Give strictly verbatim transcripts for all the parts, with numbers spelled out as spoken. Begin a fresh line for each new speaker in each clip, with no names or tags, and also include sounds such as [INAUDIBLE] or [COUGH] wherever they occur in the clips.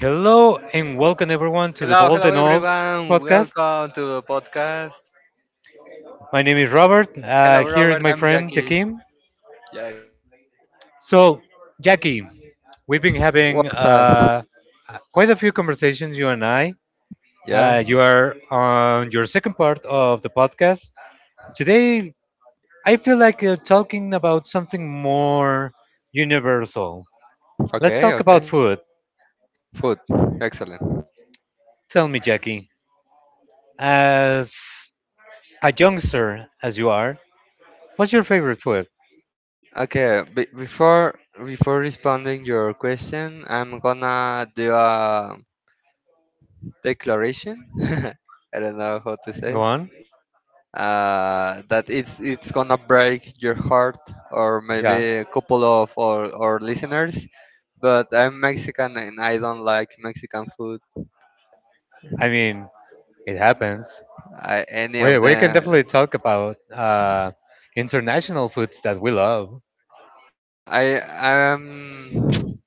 Hello and welcome everyone to the
Hello,
Bold
hello
and Old
everyone.
podcast.
Welcome to the podcast.
My name is Robert. Uh,
Hello
here is
Robert,
my
I'm
friend
Jackie.
Jakim.
Yeah.
So, Jackie, we've been having
What's up?
uh, quite a few conversations, you and I.
Yeah.
Uh, you are on your second part of the podcast. Today, I feel like uh, talking about something more universal. Let's
Okay,
talk
okay.
about food.
Food. Excellent.
Tell me, Jackie, as a youngster as you are, what's your favorite food?
Okay, be- before before responding your question, I'm gonna do a declaration. [LAUGHS] I don't know how to say.
Go
It.
on.
Uh, that it's it's gonna break your heart or
Yeah.
maybe a couple of our, our listeners. But I'm Mexican and I don't like Mexican food.
I mean, it happens.
I any
We
of
we can
them.
definitely talk about uh, international foods that we love.
I um [TSK]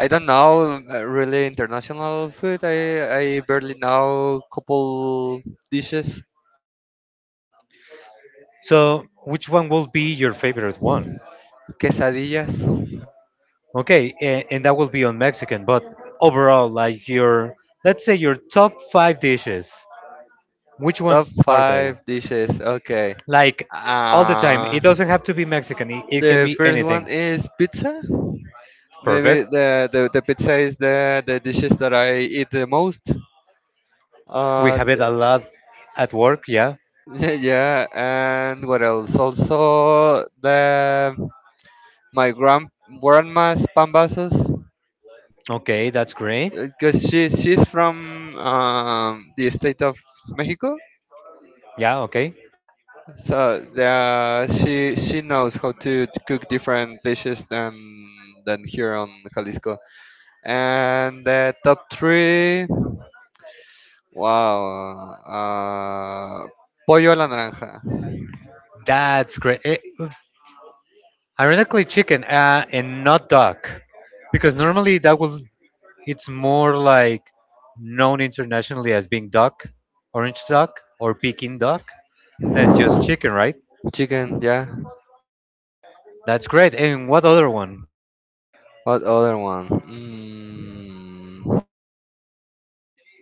I don't know uh, really international food. I I barely know couple dishes.
So, which one will be your favorite one?
Quesadillas.
Okay, and, and that will be on Mexican. But overall, like your, let's say your top five dishes, which
Top
ones are they?
five dishes. Okay.
Like all the time.
Uh
It doesn't have to be Mexican. It, it can
the
be
first one
anything.
is pizza. Maybe
Perfect.
the, the, the pizza is the, the dishes that I eat the most.
We
Uh,
have it a lot at work. Yeah.
th- [LAUGHS] yeah, and what else? Also the my grand grandma's pambazos
Okay, that's great.
because she she's from um, the state of Mexico,
Yeah. Okay,
so yeah, she she knows how to, to cook different dishes than than here on Jalisco. And the top three, wow, uh, pollo a la naranja,
that's great. Eh, Ironically, chicken uh, and not duck, because normally that will it's more like known internationally as being duck, orange duck, or Peking duck than just chicken, right?
chicken, yeah.
That's great. And what other one?
What other one? Mm,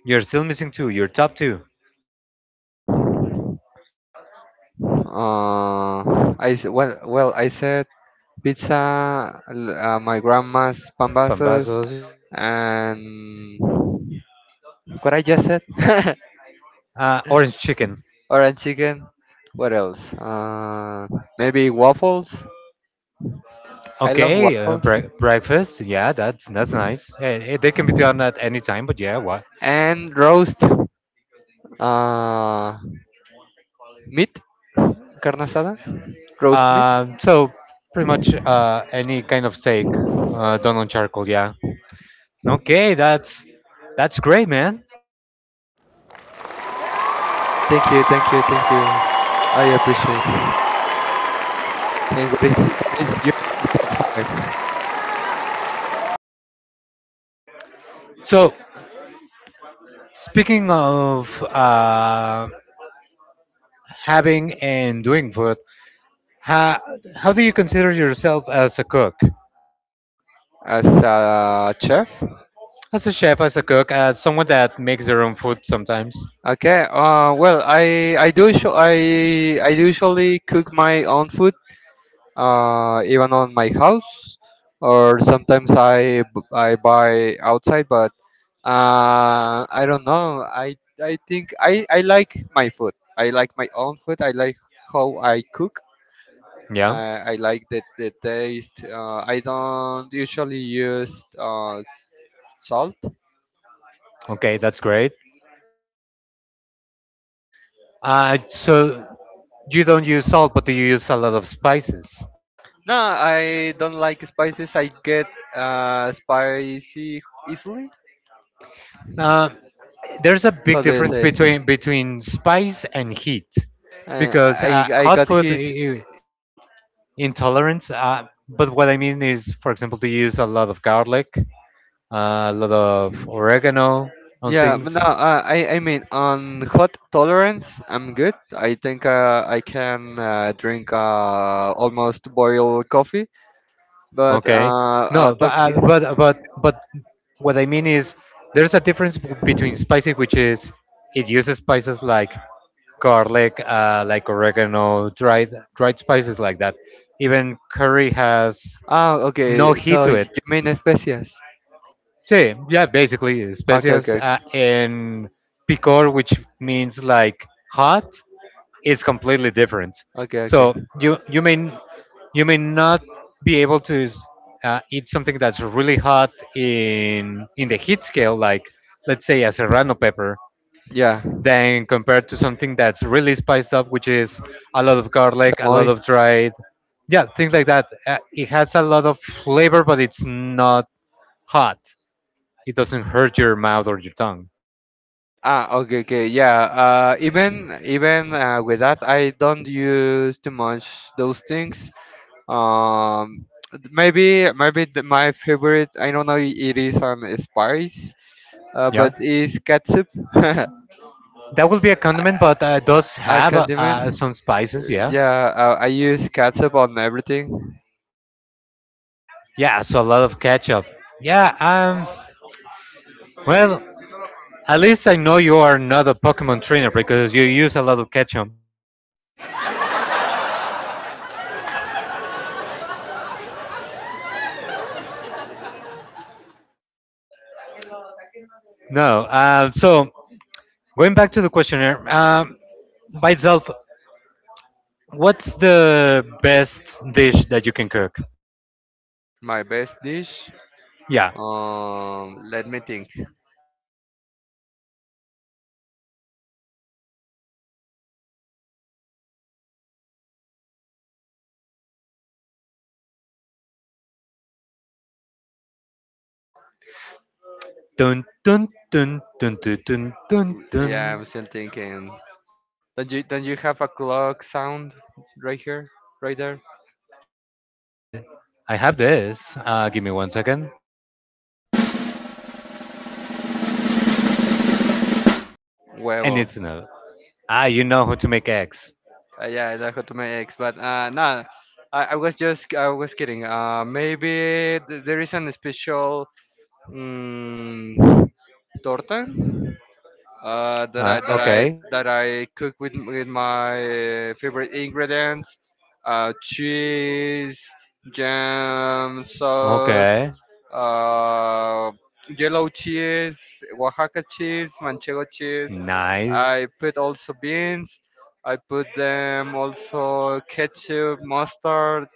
You're still missing two. Your top two.
uh, I s- well well I said pizza, l- uh, my grandma's pambasas,
Pambazos.
and what I just said. [LAUGHS]
Uh, orange chicken.
Orange chicken. What else? Uh, maybe waffles. I love
Okay, uh,
waffles
bre- breakfast. Yeah, that's that's nice. Eh, eh, they can be done at any time, but yeah, what?
and roast uh, meat, carne asada, roast meat.
Um, so pretty much uh, any kind of steak uh, done on charcoal. Yeah. Okay, that's that's great, man.
Thank you, thank you, thank you. I appreciate. And what is what is your top five
So speaking of uh, having and doing food, how how do you consider yourself as a cook,
as a chef?
as a chef, as a cook, as someone that makes their own food sometimes?
Okay. Uh, well, I I do usu- I I do usually cook my own food. Uh, even on my house, or sometimes I b- I buy outside. But uh, I don't know. I I think I I like my food. I like my own food. I like how I cook.
Yeah.
Uh, I like the the taste. Uh, I don't usually use uh, s- salt.
Okay, that's great. Uh, so you don't use salt, but do you use a lot of spices?
No, I don't like spices. I get uh, spicy easily.
Uh, there's a big
How do you
difference
say?
between between spice and heat
Uh,
because uh,
I I
hot
got
food
hit.
i- intolerance. Uh, but what I mean is, for example, to use a lot of garlic, uh, a lot of oregano on
Yeah, but no.
things.
Uh, I I mean on hot tolerance, I'm good. I think uh, I can uh, drink uh, almost boiled coffee. But
Okay,
uh, uh
no, but
talk.
uh, but but but what I mean is, there's a difference b- between spicy, which is it uses spices like garlic, uh, like oregano, dried dried spices like that. Even curry has
Ah,
no
okay.
heat
So
to
you
it.
mean especias?
See, yeah, basically
Okay,
especias
okay, okay,
uh, and picor, which means like hot is completely different.
okay. okay.
So you you may n- you may not be able to s- uh, eat something that's really hot in in the heat scale, like let's say a serrano pepper,
Yeah,
than compared to something that's really spiced up, which is a lot of garlic, a lot
chamoy.
of dried, yeah, things like that. Uh, it has a lot of flavor, but it's not hot. It doesn't hurt your mouth or your tongue.
Ah, okay, okay, yeah. Uh, even even uh, with that, I don't use too much those things. Um, maybe maybe the, my favorite. I don't know. It is on spice, uh,
Yeah,
but is ketchup. [LAUGHS]
that will be a condiment, but uh, it does
A
have uh,
condiment?
uh, some spices. Yeah.
Yeah, uh, I use ketchup on everything.
Yeah, so a lot of catch up. Yeah, um, well, at least I know you are not a Pokemon trainer because you use a lot of catch up. No, uh, so going back to the questionnaire, um, by itself, what's the best dish that you can cook?
My best dish.
Yeah.
Um, let me think.
Dun, dun, dun, dun, dun, dun, dun, dun.
Yeah, I'm still thinking. Don't you don't you have a clock sound right here, right there?
I have this. Uh, give me one second. I need
Huevo.
to know. Ah, you know how to make eggs.
Uh, yeah, that got to my ex, but uh, no, I, I was just I was kidding. Uh, maybe th- there is an special um, torta uh, that
Uh,
I that I
okay.
that I cook with with my favorite ingredients, uh, cheese, jam, sauce,
Okay.
uh, yellow cheese, Oaxaca cheese, Manchego cheese.
Nice.
I put also beans. I put them also ketchup, mustard,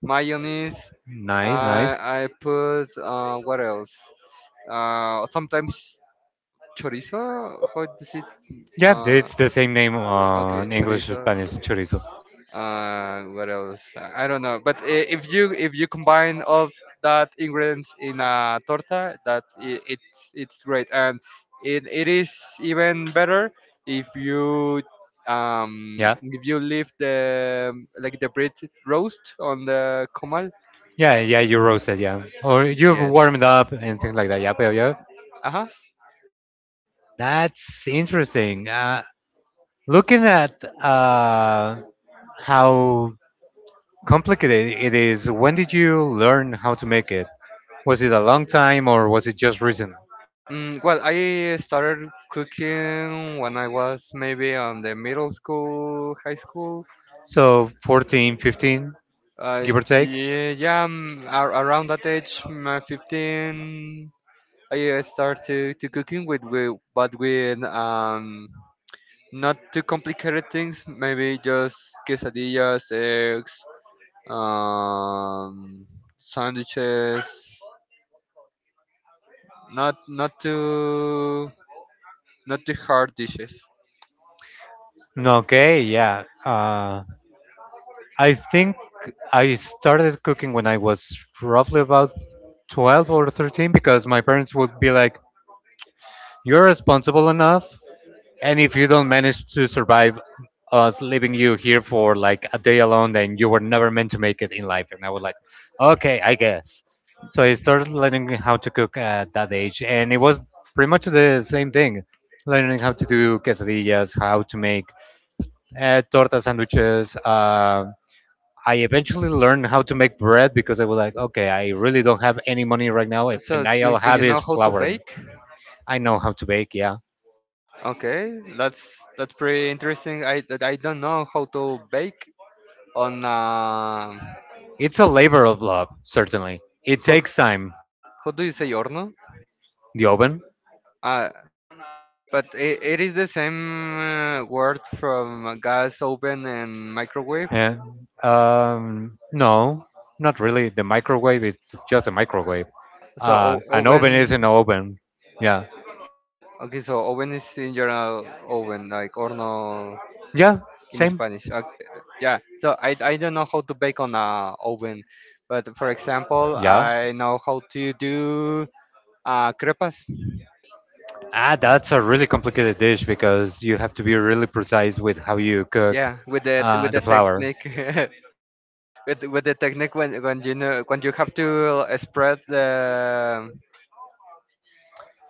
mayonnaise.
Nice, nice.
I I put uh, what else? Uh, sometimes chorizo. How does it
Yeah,
uh,
it's the same name
okay,
on English,
chorizo.
Spanish, chorizo.
Uh, what else? I I don't know. But i- if you if you combine all that ingredients in a torta, that I it's it's great, and it, it is even better if you um
Yeah,
if you leave the like the bread roast on the comal.
yeah, yeah. You roast it, yeah, or you
Yes.
warm it up and things like that. Yeah, yeah, yeah.
Uh huh.
That's interesting. Uh, looking at uh, how complicated it is, when did you learn how to make it? Was it a long time or was it just recent?
Mm, well, I started cooking when I was maybe on the middle school, high school.
So fourteen, fifteen, give
Uh,
or take.
yeah, yeah, um, ar- around that age, um, uh, fifteen, I uh, start to, to cooking with, with but with um not too complicated things. Maybe just quesadillas, eggs, um, sandwiches. Not not too not too hard dishes.
No, okay, yeah. Uh, I think I started cooking when I was roughly about twelve or thirteen because my parents would be like, "You're responsible enough, and if you don't manage to survive us leaving you here for like a day alone, then you were never meant to make it in life." And I was like, "Okay, I guess." So I started learning how to cook at that age, and it was pretty much the same thing learning how to do quesadillas, how to make uh, torta sandwiches. um I eventually learned how to make bread because I was like, okay, I really don't have any money right now, and
So
all
you,
I
do you
have is
know how to
flour, and
bake?
I know how to bake. Yeah,
Okay, that's that's pretty interesting. I I don't know how to bake on uh,
it's a labor of love, certainly. It
how,
takes time.
How do you say horno?
The oven?
Uh, but it, it is the same uh, word from gas oven and microwave.
Yeah. Um, no, not really. The microwave is just a microwave.
So o-
Uh, an oven is
oven.
an oven. Yeah.
Okay, so oven is in general oven, like horno
Yeah.
in
Same.
Spanish. Uh, yeah. So I I don't know how to bake on a oven, but for example,
Yeah.
I know how to do uh crepas.
Ah, that's a really complicated dish because you have to be really precise with how you cook
Yeah, with the
uh,
with
the
the
flour.
technique, [LAUGHS] with with the technique when when you know when you have to spread the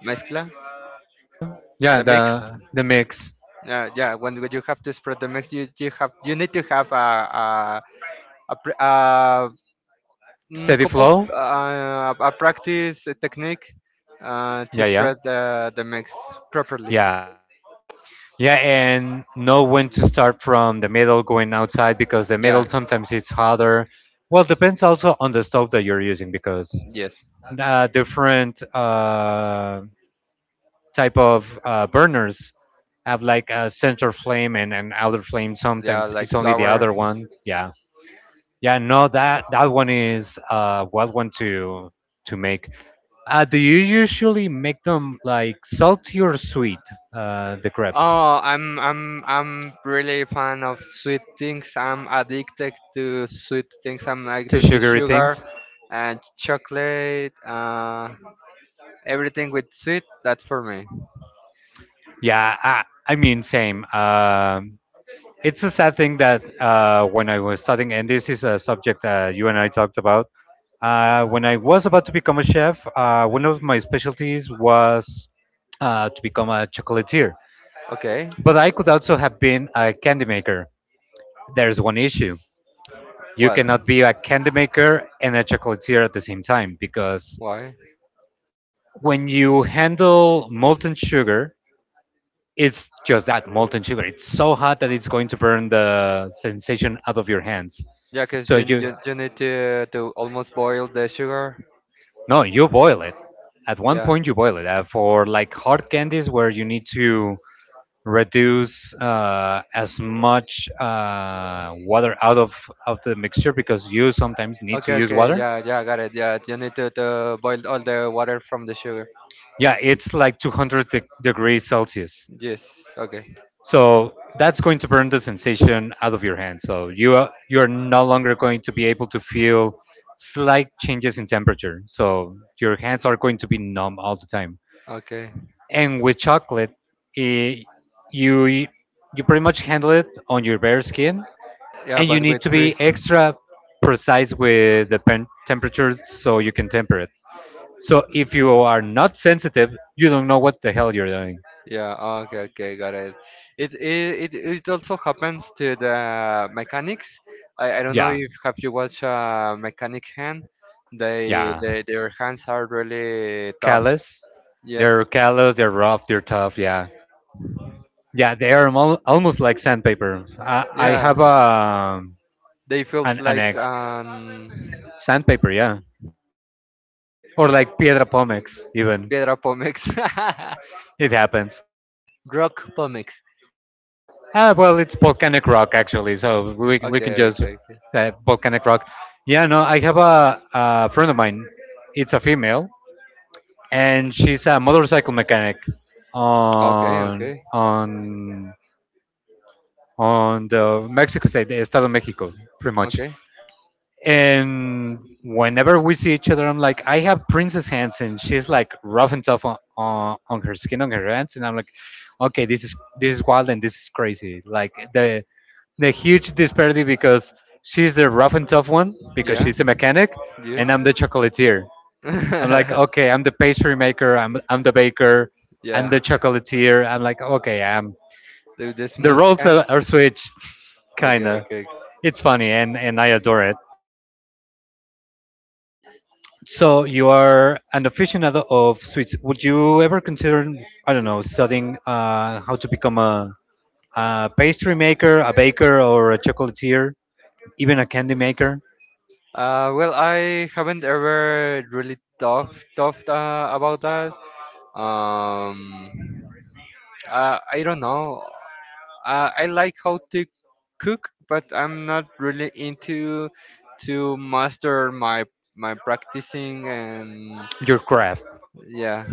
mezcla
Yeah,
the mix
the the mix,
yeah yeah when you you have to spread the mix you, you have you need to have a a, a, pr- a mm,
steady
couple
flow.
uh, a practice a technique uh, to
Yeah, yeah,
spread the the mix properly
yeah, yeah, and know when to start from the middle, going outside because the middle
yeah
sometimes it's hotter. Well, depends also on the stove that you're using because
yes
uh, different uh, type of uh, burners have like a center flame and an outer flame.
yeah
Sometimes it's
like
only the
flour.
other one. Yeah, yeah. No, that that one is uh, what one to to make. Uh, do you usually make them like salty or sweet, uh, the crepes?
Oh, i'm i'm i'm really fan of sweet things, I'm addicted to sweet things, I'm
The
addicted to
sugary
sugar
things?
and chocolate, uh, everything with sweet, that's for me.
Yeah, I, I mean, same. Um, it's a sad thing that uh, when I was studying, and this is a subject uh, you and I talked about, uh, when I was about to become a chef, uh, one of my specialties was uh, to become a chocolatier.
Okay.
But I could also have been a candy maker. There's one issue. You
What?
cannot be a candy maker and a chocolatier at the same time because
Why?
when you handle molten sugar, it's just that molten sugar. It's so hot that it's going to burn the sensation out of your hands.
Yeah, cause
So
you,
you
you, you need to to almost boil the sugar.
No, you boil it. At one
Yeah.
point, you boil it uh, for like hard candies where you need to reduce uh, as much uh, water out of of the mixture because you sometimes need to
Okay,
use
okay.
water.
Yeah, yeah, I got it. Yeah, you need to, to boil all the water from the sugar.
Yeah, it's like two hundred de- degrees Celsius.
Yes. Okay.
So that's going to burn the sensation out of your hand. So you are, you are no longer going to be able to feel slight changes in temperature. So your hands are going to be numb all the time.
Okay.
And with chocolate, eh, you you pretty much handle it on your bare skin,
Yeah,
and you
but
need
with
to be
freeze.
extra precise with the pen- temperatures so you can temper it. So if you are not sensitive, you don't know what the hell you're doing.
Yeah. Okay. Okay. Got it. It it it, it also happens to the mechanics. I, I don't know
Yeah,
if have you watched uh, mechanic hand. They
yeah.
they their hands are really tough.
Callous. They're
Yes.
callous, they're rough, they're tough. Yeah, yeah, they are al- almost like sandpaper. I, I
Yeah.
have a
They feels
an, an
like
ex
um.
sandpaper, yeah, or like piedra pómex. Even
Piedra Pomex.
it happens.
[LAUGHS] Rock Pomex.
Ah, well, it's volcanic rock actually, so we we can
Okay,
just
okay, okay,
uh, volcanic rock. Yeah, no, I have a, a friend of mine. It's a female, and she's a motorcycle mechanic
okay,
on
okay.
on on the Mexico state, the Estado de Mexico, pretty much.
okay.
And whenever we see each other, I'm like, "I have princess hands," and she's like rough and tough on, on, on her skin, on her hands, and I'm like, okay, this is this is wild and this is crazy. Like the the huge disparity because she's the rough and tough one because
Yeah,
she's a mechanic,
yes.
and I'm the chocolatier. I'm like,
[LAUGHS]
okay, I'm the pastry maker, I'm I'm the baker, I'm
Yeah,
the chocolatier. I'm like, okay, I'm
the, the
the
smooth
roles
hands.
are, are switched, [LAUGHS]
Okay,
kinda.
okay. Ok.
It's funny, and and I adore it. So you are an aficionado of sweets. Would you ever consider, I don't know, studying uh, how to become a, a pastry maker, a baker, or a chocolatier, even a candy maker?
Uh, well, I haven't ever really talked talked uh, about that. Um, uh, I don't know. Uh, I like how to cook, but I'm not really into to master my my practicing and
Your craft.
yeah,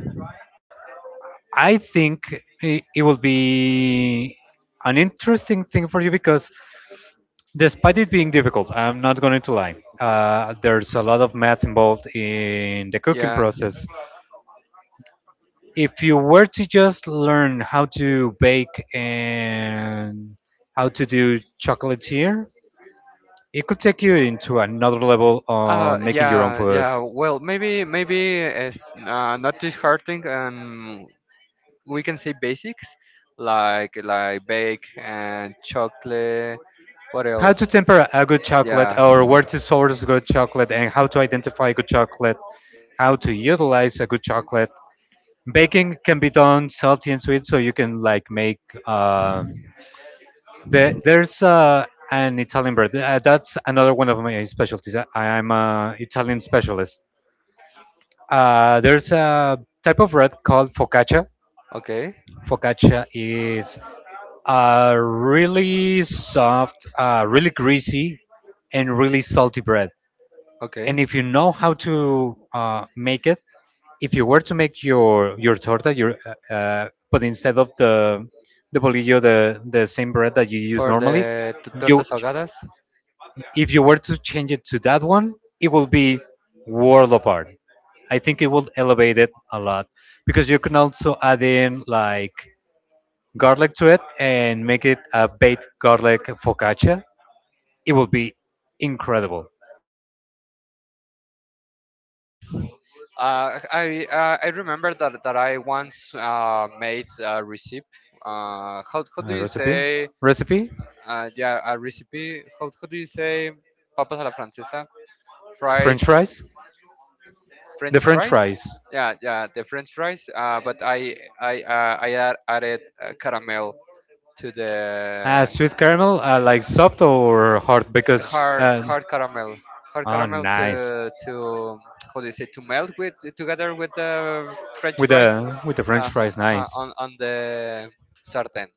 I think it, it will be an interesting thing for you because, despite it being difficult, I'm not going to lie. Uh, there's a lot of math involved in the cooking
yeah.
process, if you were to just learn how to bake and how to do chocolatier, it could take you into another level on
Uh,
making your own
yeah,
food.
yeah. Well, maybe maybe it's uh, not disheartening, and we can say basics like like bake and chocolate. What
How to
else?
temper a good chocolate
Yeah.
or where to source good chocolate and how to identify good chocolate, how to utilize a good chocolate. Baking can be done salty and sweet, so you can like make. Um, the, there's uh, an Italian bread. Uh, that's another one of my specialties. I, I'm an Italian specialist. Uh, there's a type of bread called focaccia.
Okay.
Focaccia is uh, really soft, uh, really greasy, and really salty bread. And
Okay.
if you know how to uh, make it, if you were to make your your torta, your uh, uh, but instead of the the bolillo, the the same bread that you use
For the
normally,
t-
you
tortas ahogadas,
if you were to change it to that one, it will be world apart. I think it will elevate it a lot because you can also add in like garlic to it and make it a baked garlic focaccia. It will be incredible.
uh, I uh, I remember that that I once uh, made a recipe. Uh, how how do
Uh,
you
recipe,
say?
recipe,
Uh, yeah, a recipe. How how do you say? Papas a la francesa. Fries
French fries. The
French
French
fries.
fries.
Yeah, yeah, the French fries. Uh, but I I uh, I add, added uh, caramel to
Uh,
the
sweet caramel, uh, like soft or hard? Because
hard
uh,
hard caramel, hard
Oh,
caramel to
nice
to how do you say to melt with together with the French
with
fries
the with the
uh,
French fries,
uh,
nice,
on on the sartén.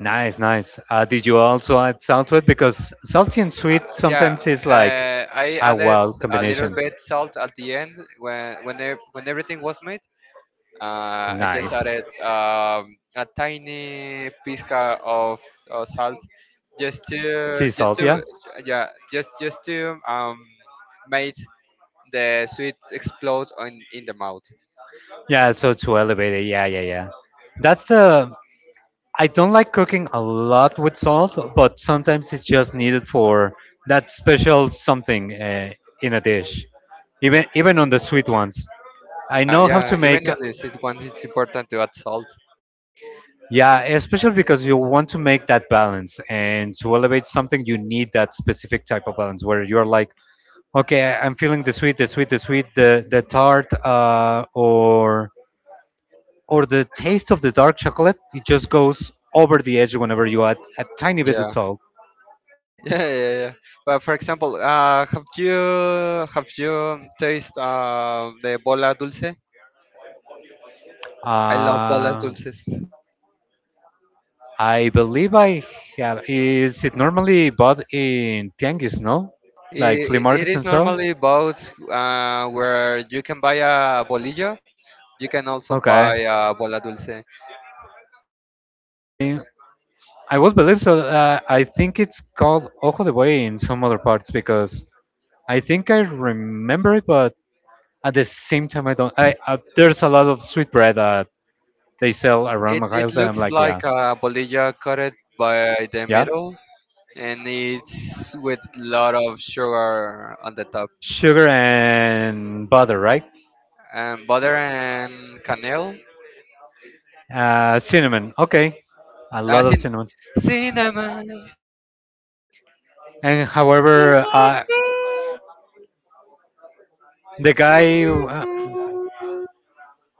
nice, nice. Uh, did you also add salt to it? Because salty and
Uh,
sweet
yeah,
sometimes is like
uh, I
a
added
wild
a little
combination.
bit salt at the end when when e- when everything was made. Uh, I just
Nice.
added um, a tiny pizca of, of salt, just to
Sea
just
salt,
to
yeah.
yeah just just to um make the sweet explode on in the mouth.
Yeah, so to elevate it, yeah, yeah, yeah. That's the I don't like cooking a lot with salt, but sometimes it's just needed for that special something uh, in a dish. Even even on the sweet ones. I
Uh,
know how
yeah,
to
even
make
on the sweet ones, it's important to add salt.
Yeah, especially because you want to make that balance, and to elevate something you need that specific type of balance where you're like, okay, I- I'm feeling the sweet, the sweet, the sweet, the the tart uh or or the taste of the dark chocolate. It just goes over the edge whenever you add a tiny bit of
Yeah,
salt.
[LAUGHS] yeah, yeah, yeah. But for example, uh, have you have you taste uh, the bola dulce? I love bolas
Uh,
dulces.
I believe I have. Is it normally bought in tianguis, no? Like
I-
flea
It
markets
is
and so?
normally boats uh, where you can buy a bolillo. You can also buy
Okay.
a bola dulce.
I would believe so. Uh, I think it's called Ojo de Buey in some other parts because I think I remember it, but at the same time, I don't. I uh, There's a lot of sweet bread that they sell around
It
my
it
house, and I'm
looks
like, yeah,
like a bolillo cut by the
yeah.
middle, and it's with lot of sugar on the top,
Sugar and butter, right?
and butter and canel.
Uh, cinnamon. Okay, a
Uh,
lot of
cin-
cinnamon.
cinnamon,
And however, uh, the guy, uh,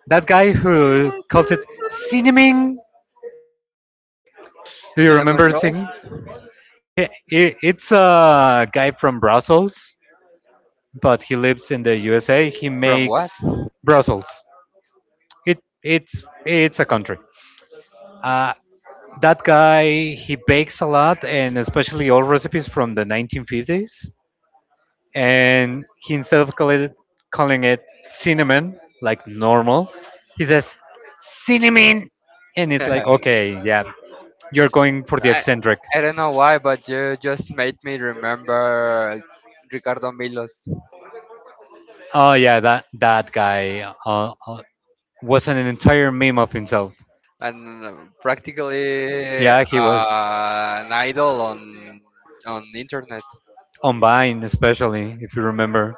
that guy who calls it cinnamon. Do you
cinnamon
remember
roll
singing? I- i- It's a guy from Brussels, but he lives in the U S A. He
from
makes
what?
Brussels. It it's it's a country. Uh, that guy, he bakes a lot, and especially all recipes from the nineteen fifties. And he, instead of call it, calling it cinnamon like normal, he says cinnamon, and it's like,
[LAUGHS]
okay, yeah, you're going for the
I
eccentric.
I don't know why, but you just made me remember Ricardo Milos.
Oh yeah, that that guy uh, uh, was an entire meme of himself.
And practically
Yeah, he was
uh, an idol on on internet.
on Vine, especially if you remember.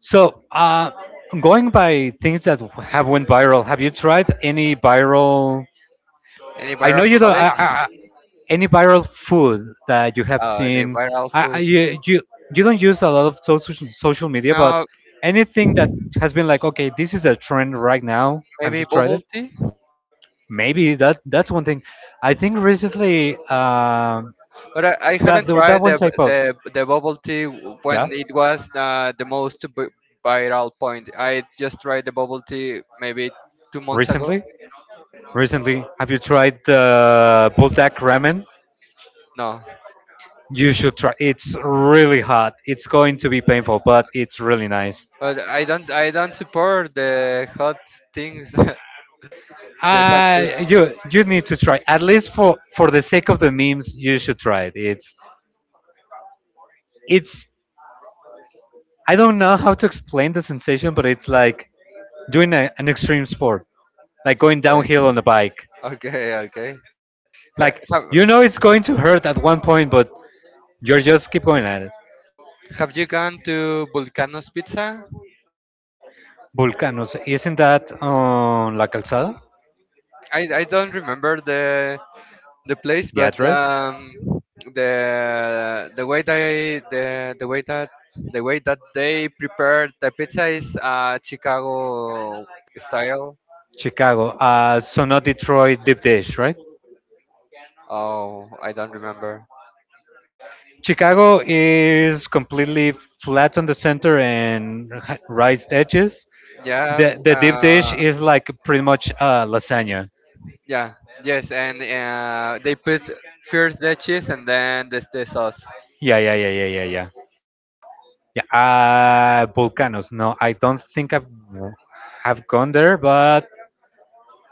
So uh, going by things that have went viral, have you tried any viral—
Any
i
viral
know you don't I,
challenge?
I any viral food that you have
Uh, any
seen?
viral
I, I
food?
you, you you don't use a lot of social social media, but
No,
anything that has been like, okay, this is the trend right now. Have
maybe
you tried
bubble
it?
tea.
Maybe that that's one thing. I think recently, um,
But I, I
that
haven't
the, that
tried
one
the
type
b-
of—
the the bubble tea
yeah,
when it was uh, the most b- viral point. I just tried the bubble tea maybe two months ago.
recently, recently, have you tried the buldak ramen?
No,
You should try. It's really hot. It's going to be painful, but it's really nice.
but I don't I don't support the hot things, [LAUGHS] the hot food.
I You, you need to try, at least for for the sake of the memes. You should try it. It's it's I don't know how to explain the sensation, but it's like doing a, an extreme sport, like going
Okay,
downhill on the bike.
okay, okay. Ha-
Like,
Have,
you know it's going to hurt at one point, but you're just keep going at it.
Have you gone to Vulcano's Pizza?
Volcanoes, isn't that on La Calzada?
I, I don't remember the the place,
The
but
address?
um, the the way they the, the way that the way that they prepare the pizza is uh, Chicago style.
Chicago. Uh, so not Detroit deep dish, right?
Oh, I don't remember.
Chicago is completely flat on the center and ha- raised edges.
Yeah,
The
w-
the deep dish
uh,
is like pretty much uh, lasagna.
yeah, yes, and uh, they put first the cheese and then the, the sauce.
Yeah, yeah, yeah, yeah, yeah, yeah. Yeah. Uh, volcanoes. No, I don't think I've have gone there, but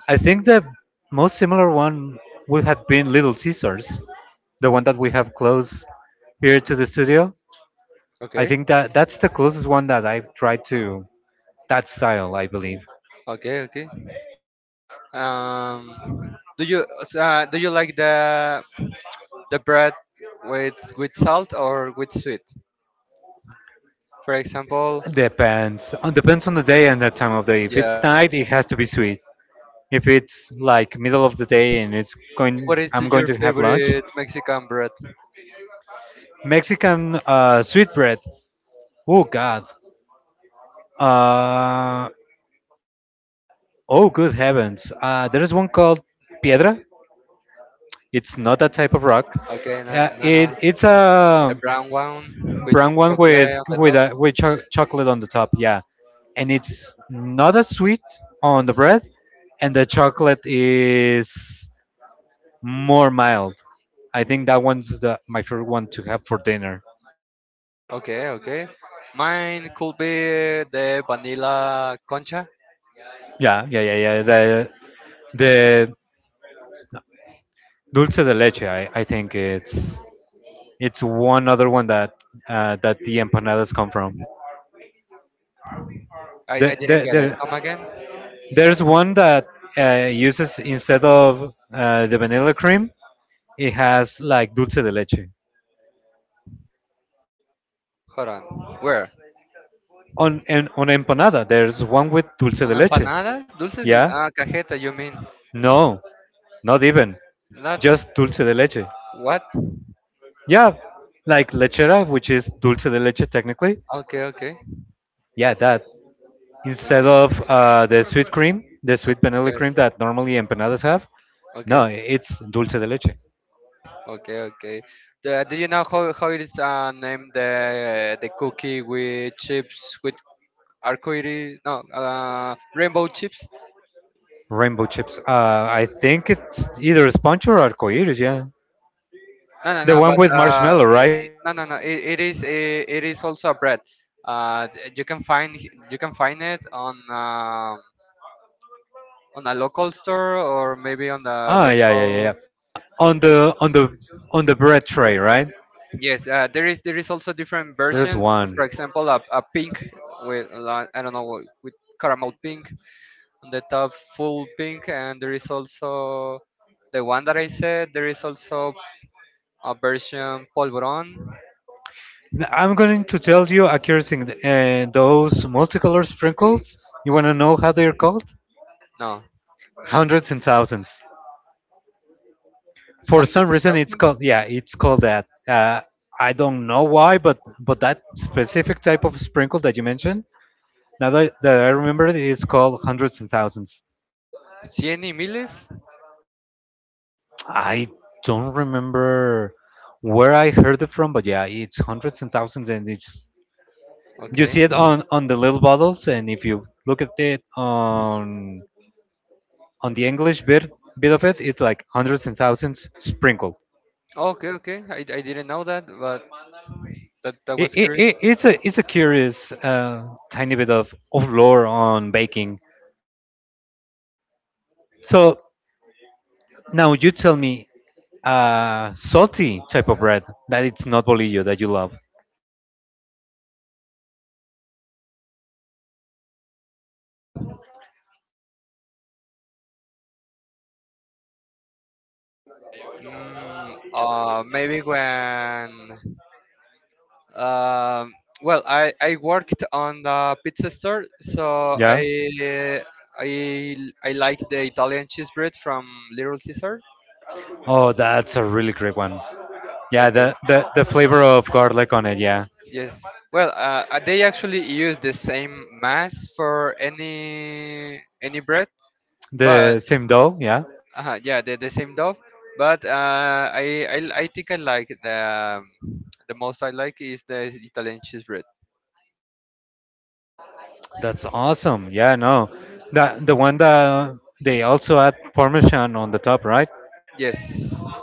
I think the most similar one would have been Little Caesars, the one that we have close here to the studio. I
Okay,
think that that's the closest one that I've tried to that style. I believe
okay, okay. Um, do you s- uh, do you like the the bread with with salt or with sweet. For example,
depends on depends on the day and the time of day. If
yeah.
it's night, it has to be sweet. If it's like middle of the day and it's going
What is
I'm going
your
to have lunch,
favorite Mexican bread?
Mexican uh sweetbread. Oh god. uh oh good heavens, uh there's one called piedra. It's not that type of rock.
Okay, na
Uh,
na na.
it it's
The
a
brown one with
brown one with
chocolate on the
with
top.
a with cho- chocolate on the top, yeah. And it's not as sweet on the bread, and the chocolate is more mild. I think that one's the my favorite one to have for dinner.
Okay, okay. Mine could be the vanilla concha.
Yeah, yeah, yeah, yeah. The the dulce de leche. I, I think it's it's one other one that uh, that the empanadas come from.
I, I
The,
didn't
the,
get it.
there
Come again?
there's one that uh, uses, instead of uh, the vanilla cream, it has like dulce de leche.
Hold on. Where?
On— and on empanada, there's one with dulce
On
de leche.
empanadas? Dulces? De-
Yeah,
Ah, cajeta, you mean.
no, not even
Not
just dulce de leche.
what?
Yeah, like lechera, which is dulce de leche technically.
Okay, okay.
Yeah, that. Instead
Okay.
of uh, the sweet cream, the
O-
sweet vanilla
yes.
cream that normally empanadas have. No,
Okay.
it's dulce de leche,
Okay, okay. The, do you know how, how it is uh, named the the cookie with chips with arcoiris? No, uh, rainbow chips.
rainbow chips. Uh, I think it's either sponge or arcoiris. Yeah,
No, no,
the
no.
one
But
with
uh,
marshmallow,
it,
right?
it- no, no, no. It, it is it, it is also a bread. Uh, th- you can find h- you can find it on um on a local store or maybe on the
Ah, yeah, yeah, yeah, yeah.
local.
On the on the on the bread tray, right?
Yes, uh, there is there is also different
There's
versions.
one.
For example, a, a pink with li- I don't know with caramel pink on the top full pink and there is also the one that I said there is also a version polvorón.
N- I'm going to tell you a curious thing. Uh, those multicolored sprinkles. You want to know how they're called?
No.
Hundreds and thousands. For some
Hundreds and
reason, it's called—
thousands.
yeah, it's called that. uh, I don't know why, but but that specific type of sprinkle that you mentioned, now that, that I remember, it is called hundreds and thousands.
Cien y miles.
I don't remember where I heard it from, but yeah, it's hundreds and thousands, and it's— you
okay
see it on on the little bottles, and if you look at it on on the English bit bit of it, it's like hundreds and thousands sprinkle.
okay okay I, I didn't know that but that, that
It,
was
it,
curious.
it, it's a it's a curious uh, tiny bit of, of lore on baking. So now you tell me, uh, salty type of bread that it's not bolillo that you love.
Mm, uh, maybe when um, well I, I worked on the pizza store so
Yeah.
I I I like the Italian cheese bread from Little Caesar.
Oh, that's a really great one. Yeah,
Okay.
the, the the flavor of garlic on it. Yeah,
Yes. Well, uh, uh, they actually use the same mass for any any bread, but
the same dough. Yeah,
uh, yeah, the, the same dough. But uh, I, I I think I like the um, the most I like is the Italian cheese bread.
that's awesome. Yeah, no, that the one that they also add parmesan on the top, right?
Yes.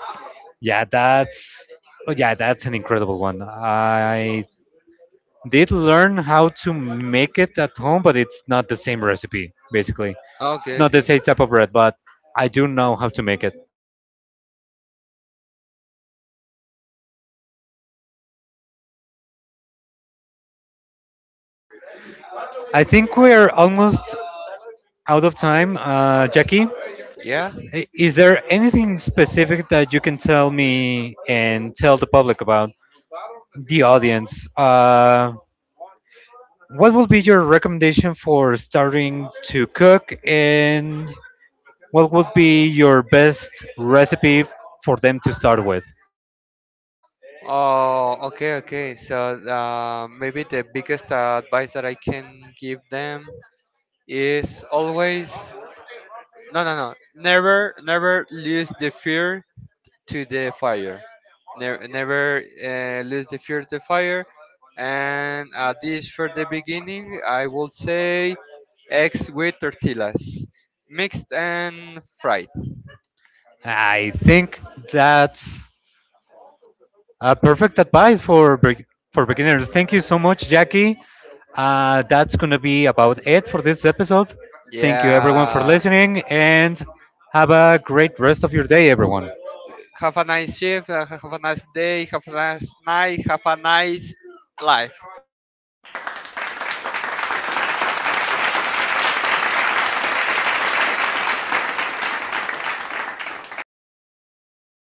Yeah, that's— oh yeah, that's an incredible one. I did learn how to make it at home, but it's not the same recipe, basically. It's
Okay.
not the
Okay.
same type of bread, but I do know how to make it. I think we're almost out of time. Uh, Jackie,
Yeah.
i- is there anything specific that you can tell me and tell the public about the audience? Uh, what would be your recommendation for starting to cook, and what would be your best recipe for them to start with?
Oh. Okay. Okay. So uh, maybe the biggest uh, advice that I can give them is always no no no never never lose the fear to the fire. Never, never uh, lose the fear to fire. And at this for the beginning, I will say eggs with tortillas, mixed and fried.
I think that's a perfect advice for be- for beginners. Thank you so much, Jackie. Uh, that's gonna be about it for this episode. Thank you everyone for
Yeah.
listening, and have a great rest of your day, everyone.
Have a nice shift. Uh, have a nice day. Have a nice night. Have a nice life.